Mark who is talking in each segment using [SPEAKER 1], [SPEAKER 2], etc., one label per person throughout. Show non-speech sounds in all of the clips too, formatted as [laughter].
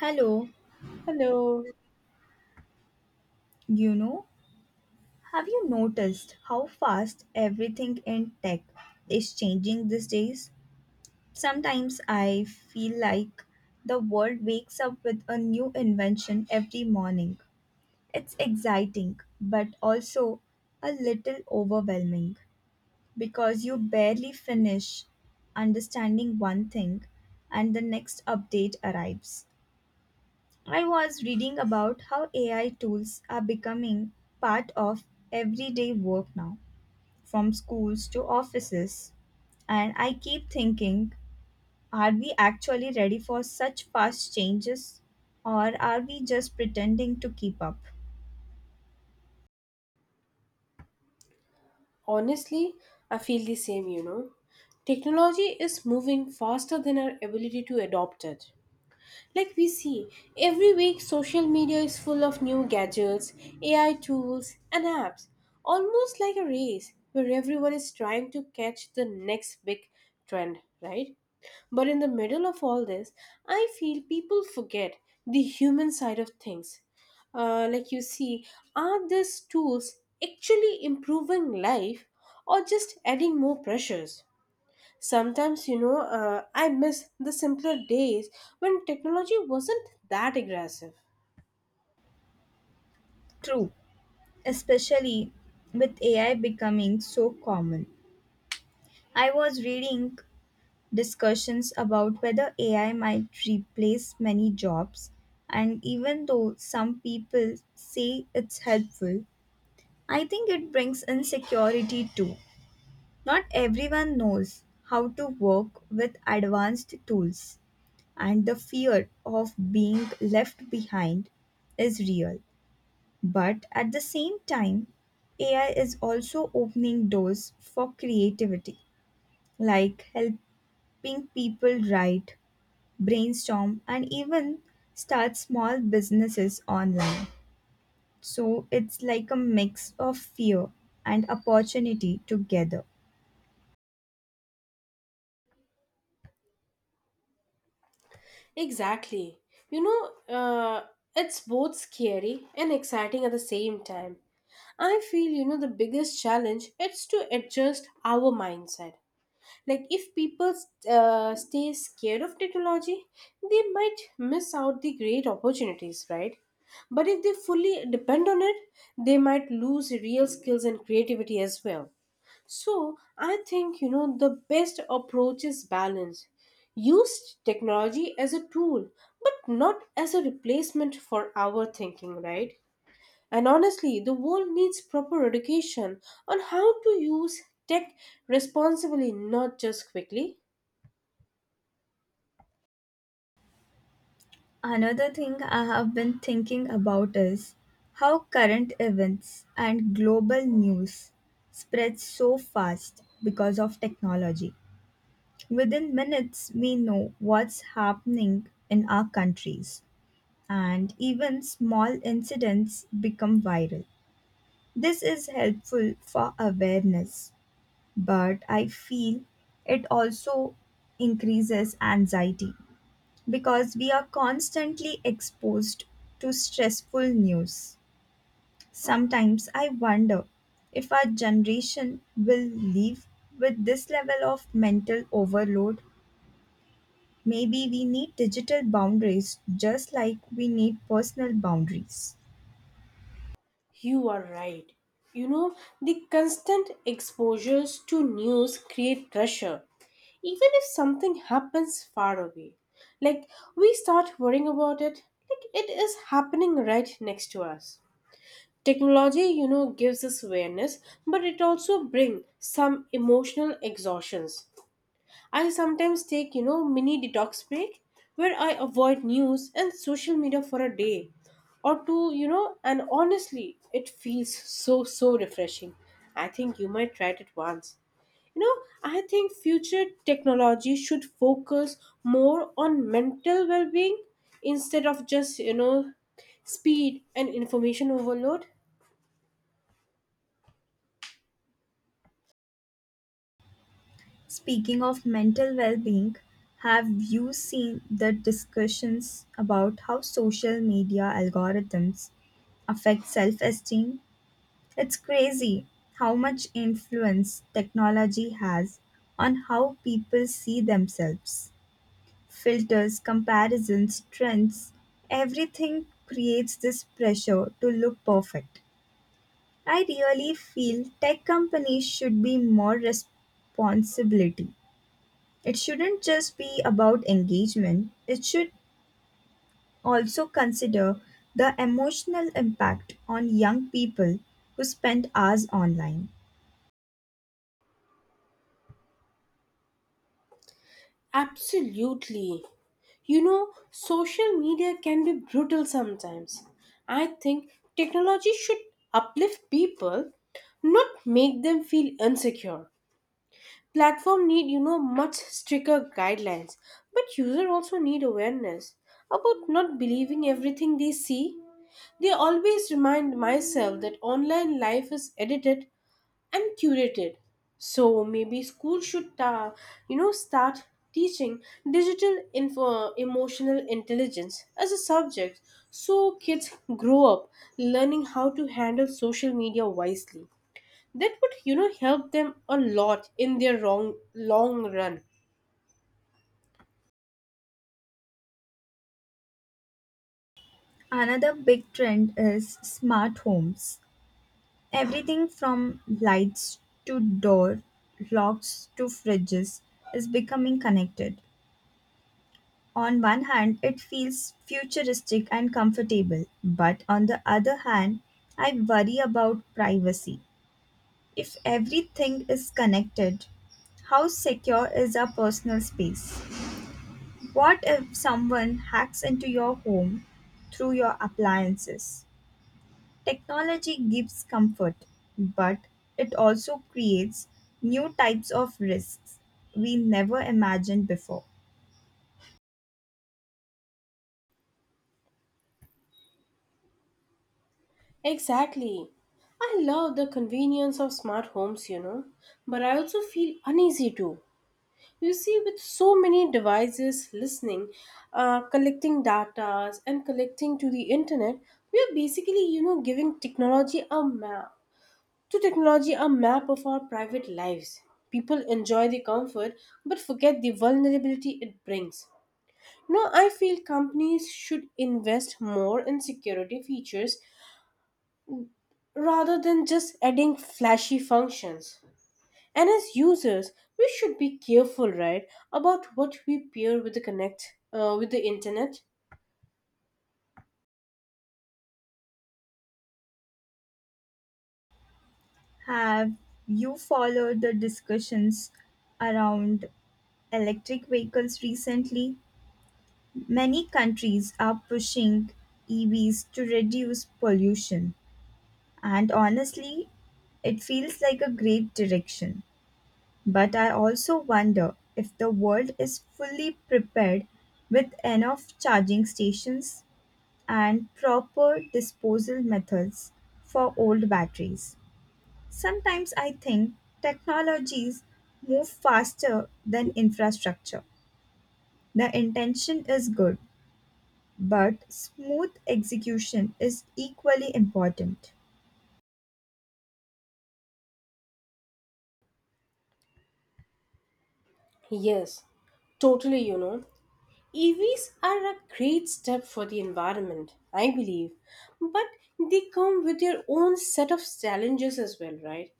[SPEAKER 1] Hello,
[SPEAKER 2] Hello.
[SPEAKER 1] you know, have you noticed how fast everything in tech is changing these days? Sometimes I feel like the world wakes up with a new invention every morning. It's exciting, but also a little overwhelming because you barely finish understanding one thing and the next update arrives. I was reading about how AI tools are becoming part of everyday work now, from schools to offices. And I keep thinking, are we actually ready for such fast changes? Or are we just pretending to keep up?
[SPEAKER 2] Honestly, I feel the same, you know. Technology is moving faster than our ability to adopt it. Like we see, every week social media is full of new gadgets, AI tools, and apps, almost like a race where everyone is trying to catch the next big trend, right? But in the middle of all this, I feel people forget the human side of things. Like you see, are these tools actually improving life or just adding more pressures? Sometimes, you know, I miss the simpler days when technology wasn't that aggressive.
[SPEAKER 1] True, especially with AI becoming so common. I was reading discussions about whether AI might replace many jobs. And even though some people say it's helpful, I think it brings insecurity too. Not everyone knows how to work with advanced tools, and the fear of being left behind is real. But at the same time, AI is also opening doors for creativity, like helping people write brainstorm, and even start small businesses online. So it's like a mix of fear and opportunity together.
[SPEAKER 2] Exactly. You know, uh, it's both scary and exciting at the same time. I feel, you know, the biggest challenge is to adjust our mindset. Like, if people stay scared of technology, they might miss out the great opportunities, right? But if they fully depend on it, they might lose real skills and creativity as well. So I think, you know, the best approach is balance. Use technology as a tool, but not as a replacement for our thinking, right? And honestly, the world needs proper education on how to use tech responsibly, not just quickly.
[SPEAKER 1] Another thing I have been thinking about is how current events and global news spread so fast because of technology. Within minutes, we know what's happening in our countries, and even small incidents become viral. This is helpful for awareness, but I feel it also increases anxiety because we are constantly exposed to stressful news. Sometimes I wonder if our generation will live with this level of mental overload. Maybe we need digital boundaries just like we need personal boundaries.
[SPEAKER 2] You are right. You know, the constant exposures to news create pressure even if something happens far away, like we start worrying about it like it is happening right next to us. Technology, you know, gives us awareness, but it also brings some emotional exhaustions. I sometimes take, you know, mini detox break where I avoid news and social media for a day or two, you know, and honestly it feels so refreshing. I think you might try it once. You know, I think future technology should focus more on mental well-being instead of just, you know, speed and information overload.
[SPEAKER 1] Speaking of mental well being, have you seen the discussions about how social media algorithms affect self esteem? It's crazy how much influence technology has on how people see themselves. Filters, comparisons, trends, everything creates this pressure to look perfect. I really feel tech companies should be more responsibility, it shouldn't just be about engagement, it should also consider the emotional impact on young people who spend hours online.
[SPEAKER 2] Absolutely. You know, social media can be brutal sometimes. I think technology should uplift people, not make them feel insecure. Platform need, you know, much stricter guidelines, but user also need awareness about not believing everything they see. They always remind myself that online life is edited and curated. So maybe school should, you know, start teaching emotional intelligence as a subject so kids grow up learning how to handle social media wisely. That would, you know, help them a lot in their long run.
[SPEAKER 1] Another big trend is smart homes. Everything from lights to door locks to fridges is becoming connected. On one hand, it feels futuristic and comfortable, but on the other hand, I worry about privacy. If everything is connected, how secure is our personal space? What if someone hacks into your home through your appliances? Technology gives comfort, but it also creates new types of risks we never imagined before.
[SPEAKER 2] Exactly. I love the convenience of smart homes, you know, but I also feel uneasy too. You see, with so many devices listening, collecting data, and collecting to the internet, we are basically, you know, giving technology a map of our private lives. People enjoy the comfort but forget the vulnerability it brings. No, I feel companies should invest more in security features rather than just adding flashy functions. And as users, we should be careful, right, about what we pair with the connect with the internet.
[SPEAKER 1] Have you followed the discussions around electric vehicles recently? Many countries are pushing EVs to reduce pollution, and honestly, it feels like a great direction. But I also wonder if the world is fully prepared with enough charging stations and proper disposal methods for old batteries. Sometimes I think technologies move faster than infrastructure. The intention is good, but smooth execution is equally important.
[SPEAKER 2] Yes, totally. You know, EVs are a great step for the environment, I believe, but they come with their own set of challenges as well, right?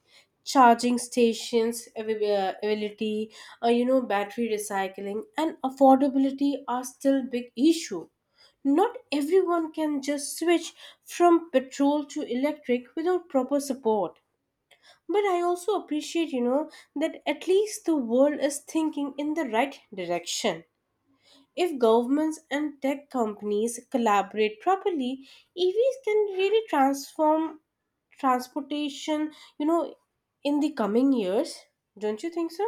[SPEAKER 2] Charging stations, availability, you know, battery recycling, and affordability are still big issue. Not everyone can just switch from petrol to electric without proper support. But I also appreciate, you know, that at least the world is thinking in the right direction. If governments and tech companies collaborate properly, EVs can really transform transportation, you know, in the coming years. Don't you think so?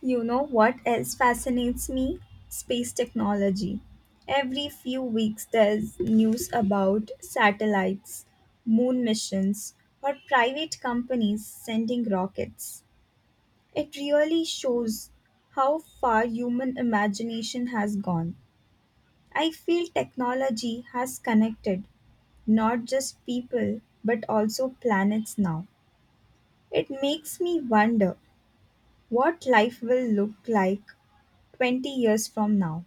[SPEAKER 1] You know what else fascinates me? Space technology. Every few weeks, there's news about satellites, moon missions, or private companies sending rockets. It really shows how far human imagination has gone. I feel technology has connected not just people but also planets now. It makes me wonder what life will look like 20 years from now.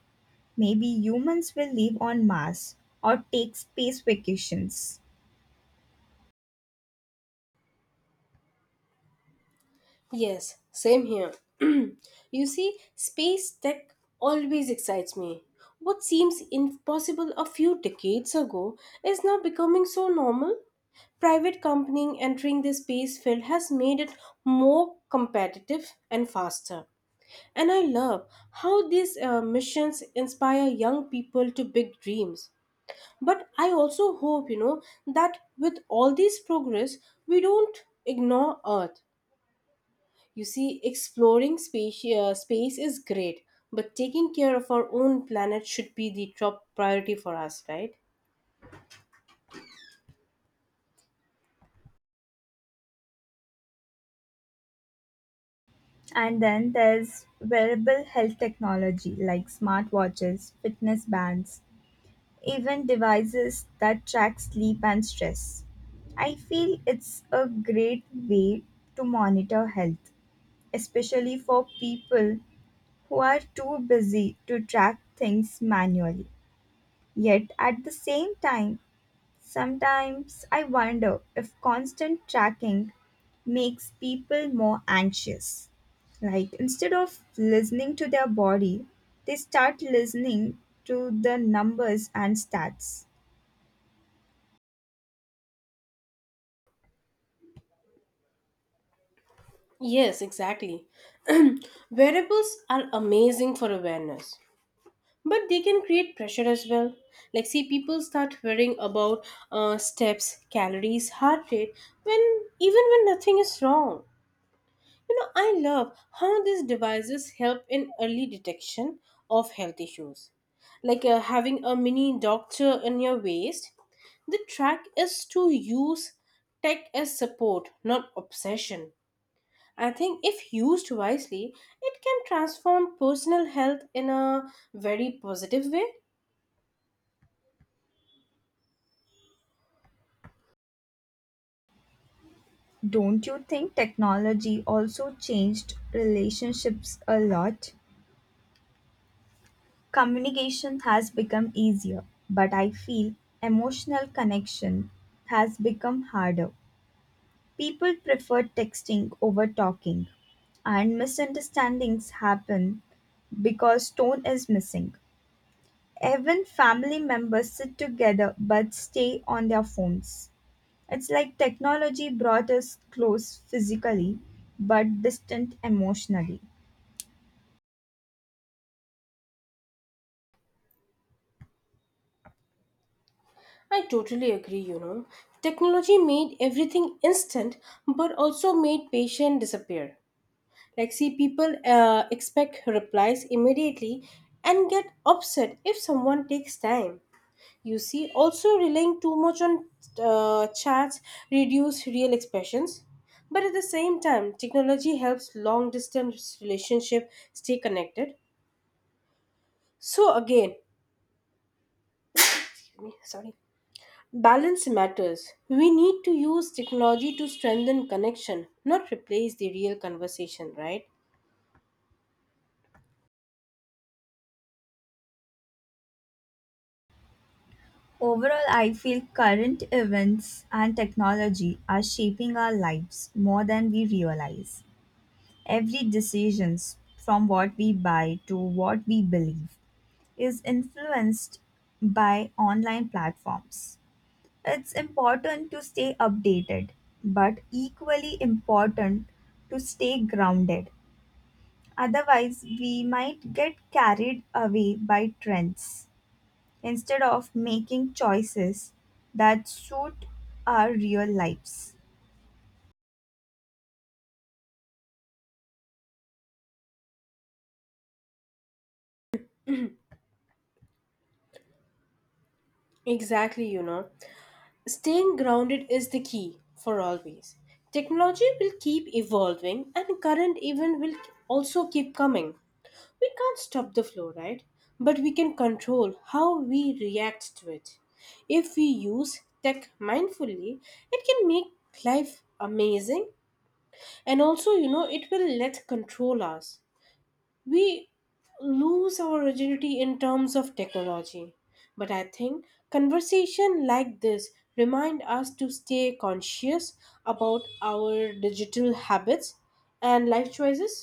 [SPEAKER 1] Maybe humans will live on Mars or take space vacations.
[SPEAKER 2] Yes, same here. [clears throat] You see, space tech always excites me. What seems impossible a few decades ago is now becoming so normal. Private company entering the space field has made it more competitive and faster. And I love how these missions inspire young people to big dreams. But I also hope, you know, that with all this progress, we don't ignore Earth. You see, space is great, but taking care of our own planet should be the top priority for us, right?
[SPEAKER 1] And then there's wearable health technology like smartwatches, fitness bands, even devices that track sleep and stress. I feel it's a great way to monitor health, especially for people who are too busy to track things manually. Yet at the same time, sometimes I wonder if constant tracking makes people more anxious. Like instead of listening to their body, they start listening to the numbers and stats.
[SPEAKER 2] Yes, exactly. [clears throat] Wearables are amazing for awareness, but they can create pressure as well. Like, see, people start worrying about steps, calories, heart rate when, even when nothing is wrong. You know, I love how these devices help in early detection of health issues, like having a mini doctor in your waist. The track is to use tech as support, not obsession. I think if used wisely, it can transform personal health in a very positive way.
[SPEAKER 1] Don't you think technology also changed relationships a lot? Communication has become easier, but I feel emotional connection has become harder. People prefer texting over talking, and misunderstandings happen because tone is missing. Even family members sit together but stay on their phones. It's like technology brought us close physically but distant emotionally.
[SPEAKER 2] I totally agree, you know. Technology made everything instant but also made patience disappear. Like, see, people expect replies immediately and get upset if someone takes time. You see, also relying too much on chats reduce real expressions. But at the same time, technology helps long distance relationship stay connected. So again, excuse me, sorry. Balance matters. We need to use technology to strengthen connection, not replace the real conversation, right?
[SPEAKER 1] Overall, I feel current events and technology are shaping our lives more than we realize. Every decisions from what we buy to what we believe is influenced by online platforms. It's important to stay updated, but equally important to stay grounded. Otherwise, we might get carried away by trends instead of making choices that suit our real lives.
[SPEAKER 2] Exactly, you know. Staying grounded is the key for always. Technology will keep evolving and current even will also keep coming. We can't stop the flow, right? But we can control how we react to it. If we use tech mindfully, it can make life amazing, and also, you know, it will let control us. We lose our rigidity in terms of technology, but I think conversation like this remind us to stay conscious about our digital habits and life choices.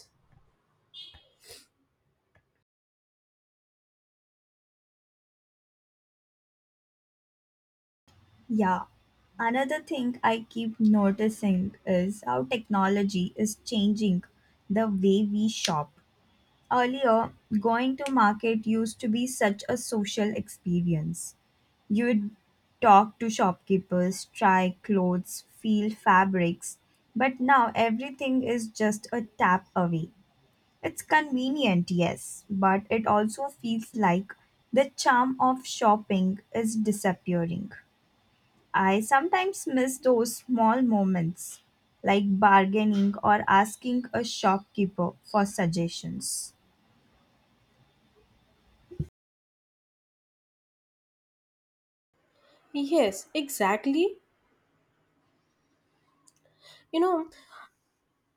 [SPEAKER 1] Yeah. Another thing I keep noticing is how technology is changing the way we shop. Earlier, going to market used to be such a social experience. You would talk to shopkeepers, try clothes, feel fabrics, but now everything is just a tap away. It's convenient, yes, but it also feels like the charm of shopping is disappearing. I sometimes miss those small moments like bargaining or asking a shopkeeper for suggestions.
[SPEAKER 2] Yes, exactly. You know,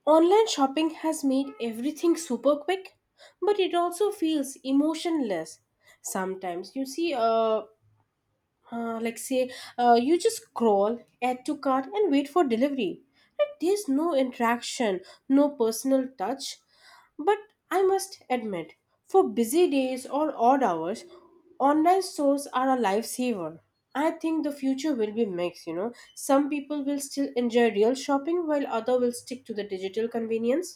[SPEAKER 2] online shopping has made everything super quick, but it also feels emotionless sometimes. Like, say, you just scroll, add to cart, and wait for delivery. Like, there's no interaction, no personal touch. But I must admit, for busy days or odd hours, online stores are a lifesaver. I think the future will be mixed, you know, some people will still enjoy real shopping while other will stick to the digital convenience.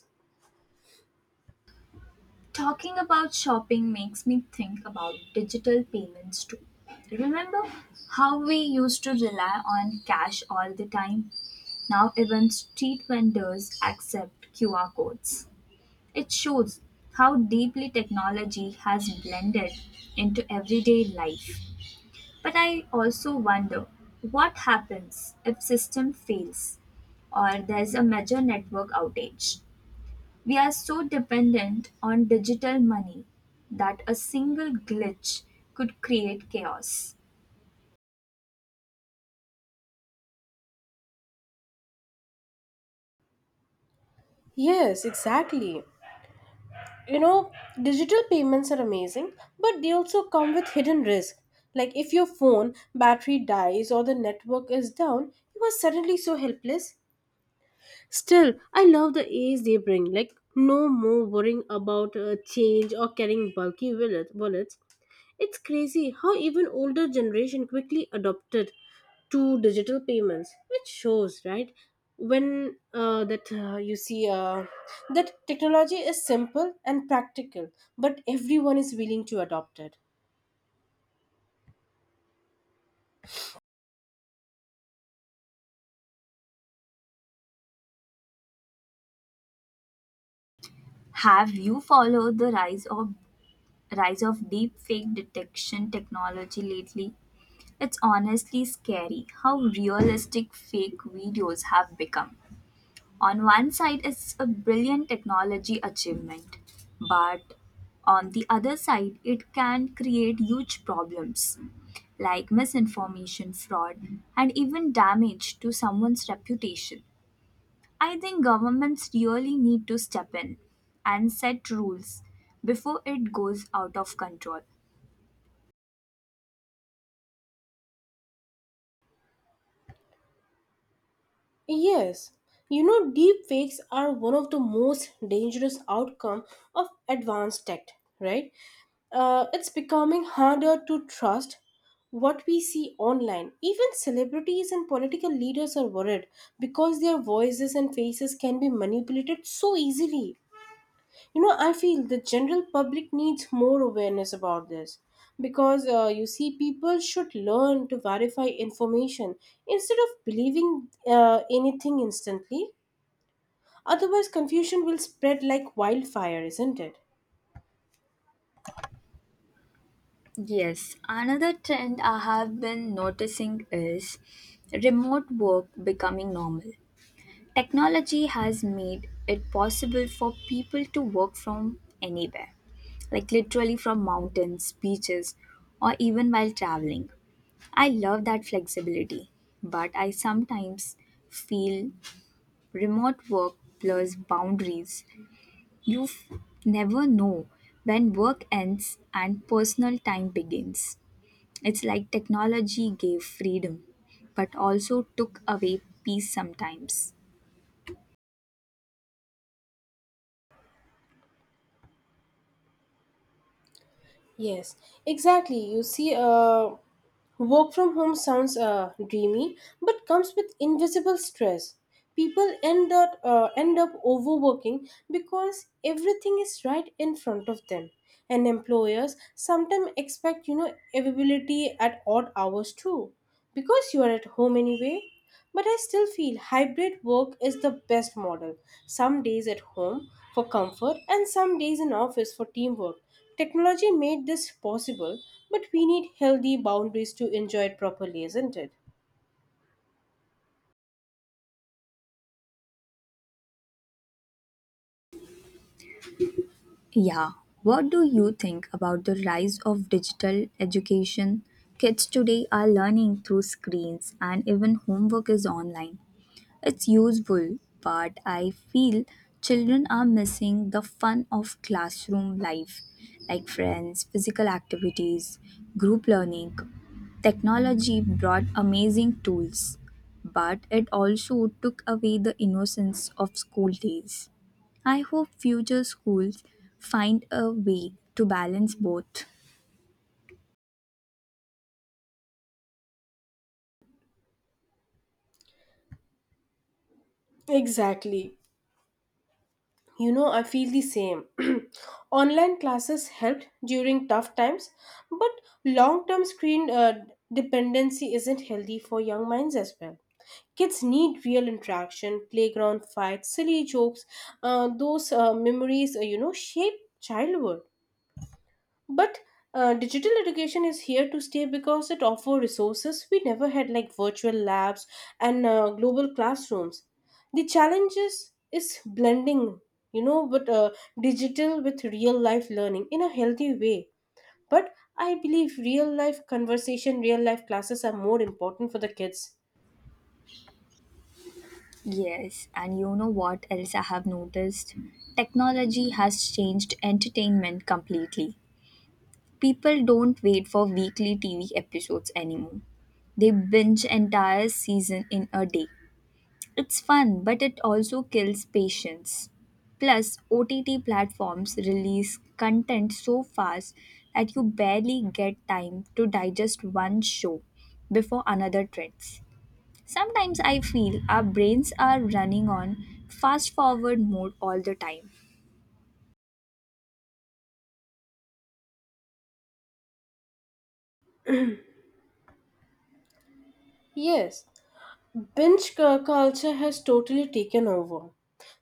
[SPEAKER 1] Talking about shopping makes me think about digital payments too. Remember how we used to rely on cash all the time? Now even street vendors accept QR codes. It shows how deeply technology has blended into everyday life. But I also wonder what happens if system fails or there's a major network outage. We are so dependent on digital money that a single glitch could create chaos.
[SPEAKER 2] Yes, exactly. You know, digital payments are amazing, but they also come with hidden risk. Like if your phone battery dies or the network is down, you are suddenly so helpless. Still, I love the ease they bring. Like no more worrying about change or carrying bulky wallets. It's crazy how even older generation quickly adopted to digital payments, which shows, right, when that you see that technology is simple and practical, but everyone is willing to adopt it.
[SPEAKER 1] Have you followed the rise of deep fake detection technology lately? It's honestly scary how realistic fake videos have become. On one side, it's a brilliant technology achievement, but on the other side, it can create huge problems like misinformation, fraud, and even damage to someone's reputation. I think governments really need to step in and set rules before it goes out of control.
[SPEAKER 2] Yes, you know, deep fakes are one of the most dangerous outcome of advanced tech, right? It's becoming harder to trust what we see online. Even celebrities and political leaders are worried because their voices and faces can be manipulated so easily. You know, I feel the general public needs more awareness about this, because, you see, people should learn to verify information instead of believing anything instantly. Otherwise confusion will spread like wildfire, isn't it?
[SPEAKER 1] Yes, another trend I have been noticing is remote work becoming normal. Technology has made it possible for people to work from anywhere, like literally from mountains, beaches, or even while traveling. I love that flexibility, but I sometimes feel remote work blurs boundaries. You f- never know when work ends and personal time begins. It's like technology gave freedom, but also took away peace sometimes.
[SPEAKER 2] Yes, exactly. You see, work from home sounds dreamy, but comes with invisible stress. People end up overworking because everything is right in front of them. And employers sometimes expect, you know, availability at odd hours too, because you are at home anyway. But I still feel hybrid work is the best model. Some days at home for comfort and some days in office for teamwork. Technology made this possible, but we need healthy boundaries to enjoy it properly, isn't it?
[SPEAKER 1] Yeah. What do you think about the rise of digital education? Kids today are learning through screens and even homework is online. It's useful, but I feel children are missing the fun of classroom life like friends, physical activities, group learning. Technology brought amazing tools, but it also took away the innocence of school days. I hope future schools find a way to balance both.
[SPEAKER 2] Exactly. You know, I feel the same. [clears throat] Online classes helped during tough times, but long term screen dependency isn't healthy for young minds as well. Kids need real interaction, playground fights, silly jokes. Those memories, you know, shape childhood. But digital education is here to stay because it offers resources we never had, like virtual labs and global classrooms. The challenges is blending, you know, but digital with real life learning in a healthy way. But I believe real life conversation, real life classes are more important for the kids.
[SPEAKER 1] Yes, and you know what else I have noticed? Technology has changed entertainment completely. People don't wait for weekly TV episodes anymore. They binge entire season in a day. It's fun, but it also kills patience. Plus, OTT platforms release content so fast that you barely get time to digest one show before another trends. Sometimes I feel our brains are running on fast forward mode all the time.
[SPEAKER 2] Yes. Culture has totally taken over.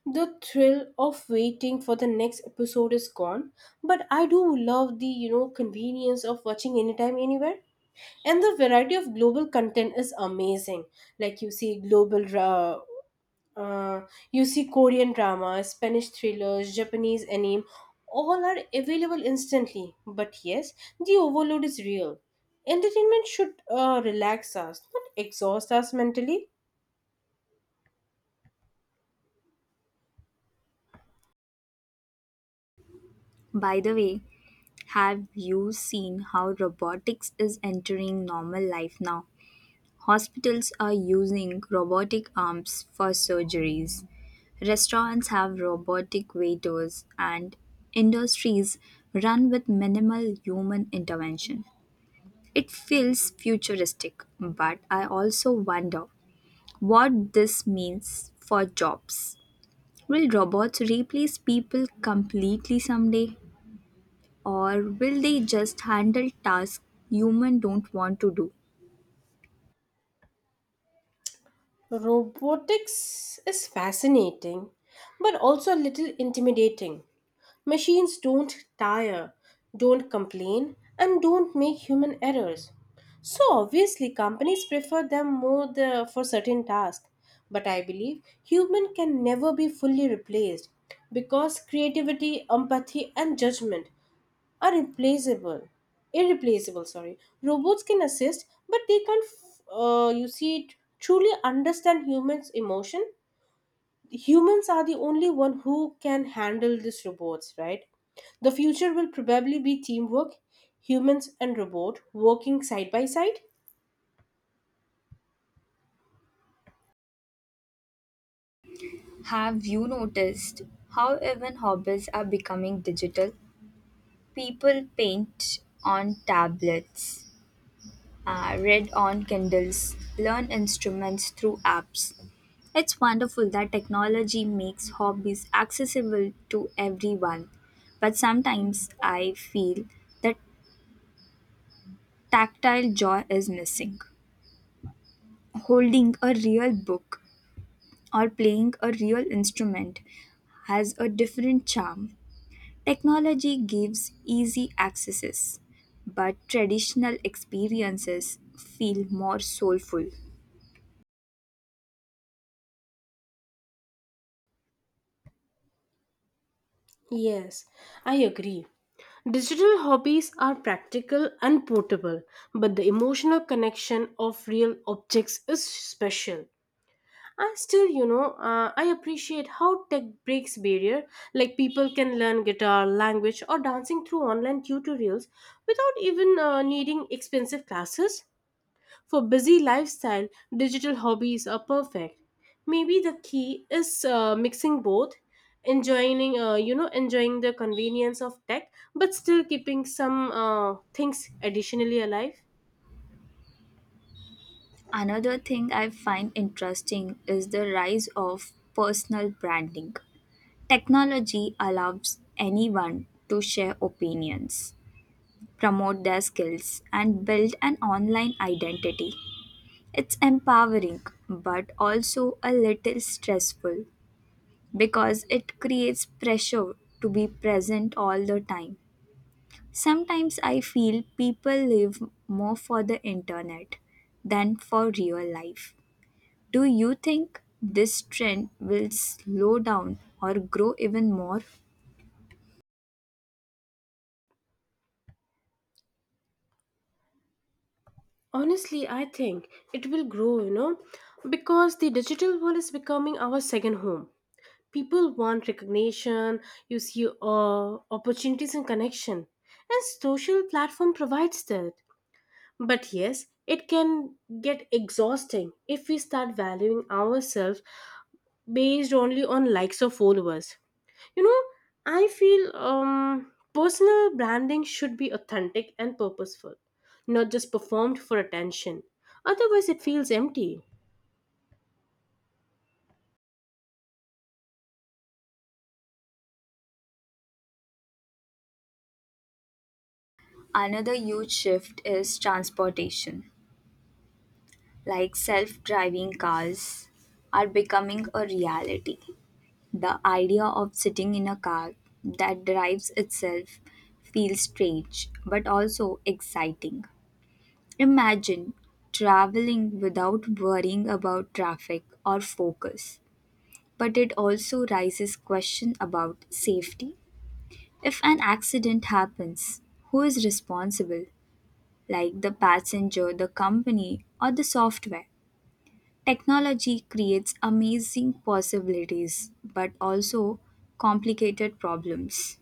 [SPEAKER 2] The thrill of waiting for the next episode is gone, but I do love the, you know, convenience of watching anytime anywhere. And the variety of global content is amazing. Like uh, you see Korean drama, Spanish thrillers, Japanese anime, all are available instantly. But yes, the overload is real. Entertainment should relax us, not exhaust us mentally.
[SPEAKER 1] By the way, have you seen how robotics is entering normal life now? Hospitals are using robotic arms for surgeries. Restaurants have robotic waiters, and industries run with minimal human intervention. It feels futuristic, but I also wonder what this means for jobs. Will robots replace people completely someday, or will they just handle tasks humans don't want to do?
[SPEAKER 2] Robotics is fascinating, but also a little intimidating. Machines don't tire, don't complain, and don't make human errors. So obviously, companies prefer them for certain tasks. But I believe human can never be fully replaced because creativity, empathy, and judgment are replaceable irreplaceable, sorry. Robots can assist, but they can't f- you see it truly understand humans emotion. Humans are the only one who can handle these robots, right? The future will probably be teamwork, humans and robot working side by side.
[SPEAKER 1] Have you noticed how even hobbies are becoming digital? People paint on tablets, read on Kindles, learn instruments through apps. It's wonderful that technology makes hobbies accessible to everyone, but sometimes I feel that tactile joy is missing. Holding a real book or playing a real instrument has a different charm. Technology gives easy accesses, but traditional experiences feel more soulful.
[SPEAKER 2] Yes, I agree. Digital hobbies are practical and portable, but the emotional connection of real objects is special. And still, you know, I appreciate how tech breaks barrier. Like people can learn guitar, language, or dancing through online tutorials without even needing expensive classes. For busy lifestyle, digital hobbies are perfect. Maybe the key is mixing both, enjoying the convenience of tech, but still keeping some things additionally alive.
[SPEAKER 1] Another thing I find interesting is the rise of personal branding. Technology allows anyone to share opinions, promote their skills, and build an online identity. It's empowering, but also a little stressful because it creates pressure to be present all the time. Sometimes I feel people live more for the internet than for real life. Do you think this trend will slow down or grow even more?
[SPEAKER 2] Honestly, I think it will grow, you know, because the digital world is becoming our second home. People want recognition, opportunities and connection, and social platform provides that. But yes, it can get exhausting if we start valuing ourselves based only on likes or followers. You know, I feel personal branding should be authentic and purposeful, not just performed for attention. Otherwise, it feels empty.
[SPEAKER 1] Another huge shift is transportation. Like self driving cars are becoming a reality. The idea of sitting in a car that drives itself feels strange but also exciting. Imagine traveling without worrying about traffic or focus. But it also raises question about safety. If an accident happens, who is responsible? Like the passenger, the company, or the software? Technology creates amazing possibilities but also complicated problems.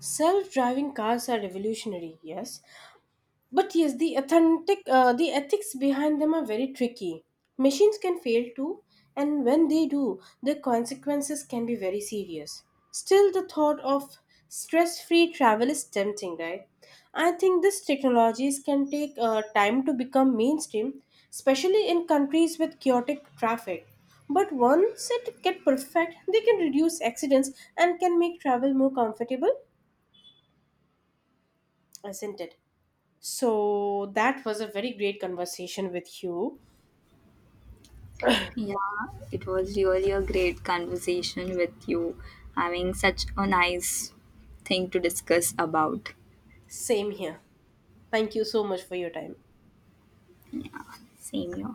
[SPEAKER 2] Self driving cars are revolutionary, yes, but yes, the ethics behind them are very tricky. Machines can fail too, and when they do, the consequences can be very serious. Still, the thought of stress-free travel is tempting, right? I think these technologies can take time to become mainstream, especially in countries with chaotic traffic. But once it get perfect, they can reduce accidents and can make travel more comfortable, isn't it? So that was a very great conversation with you.
[SPEAKER 1] Yeah, it was really a great conversation with you, having such a nice thing to discuss about.
[SPEAKER 2] Same here. Thank you so much for your time.
[SPEAKER 1] Same here.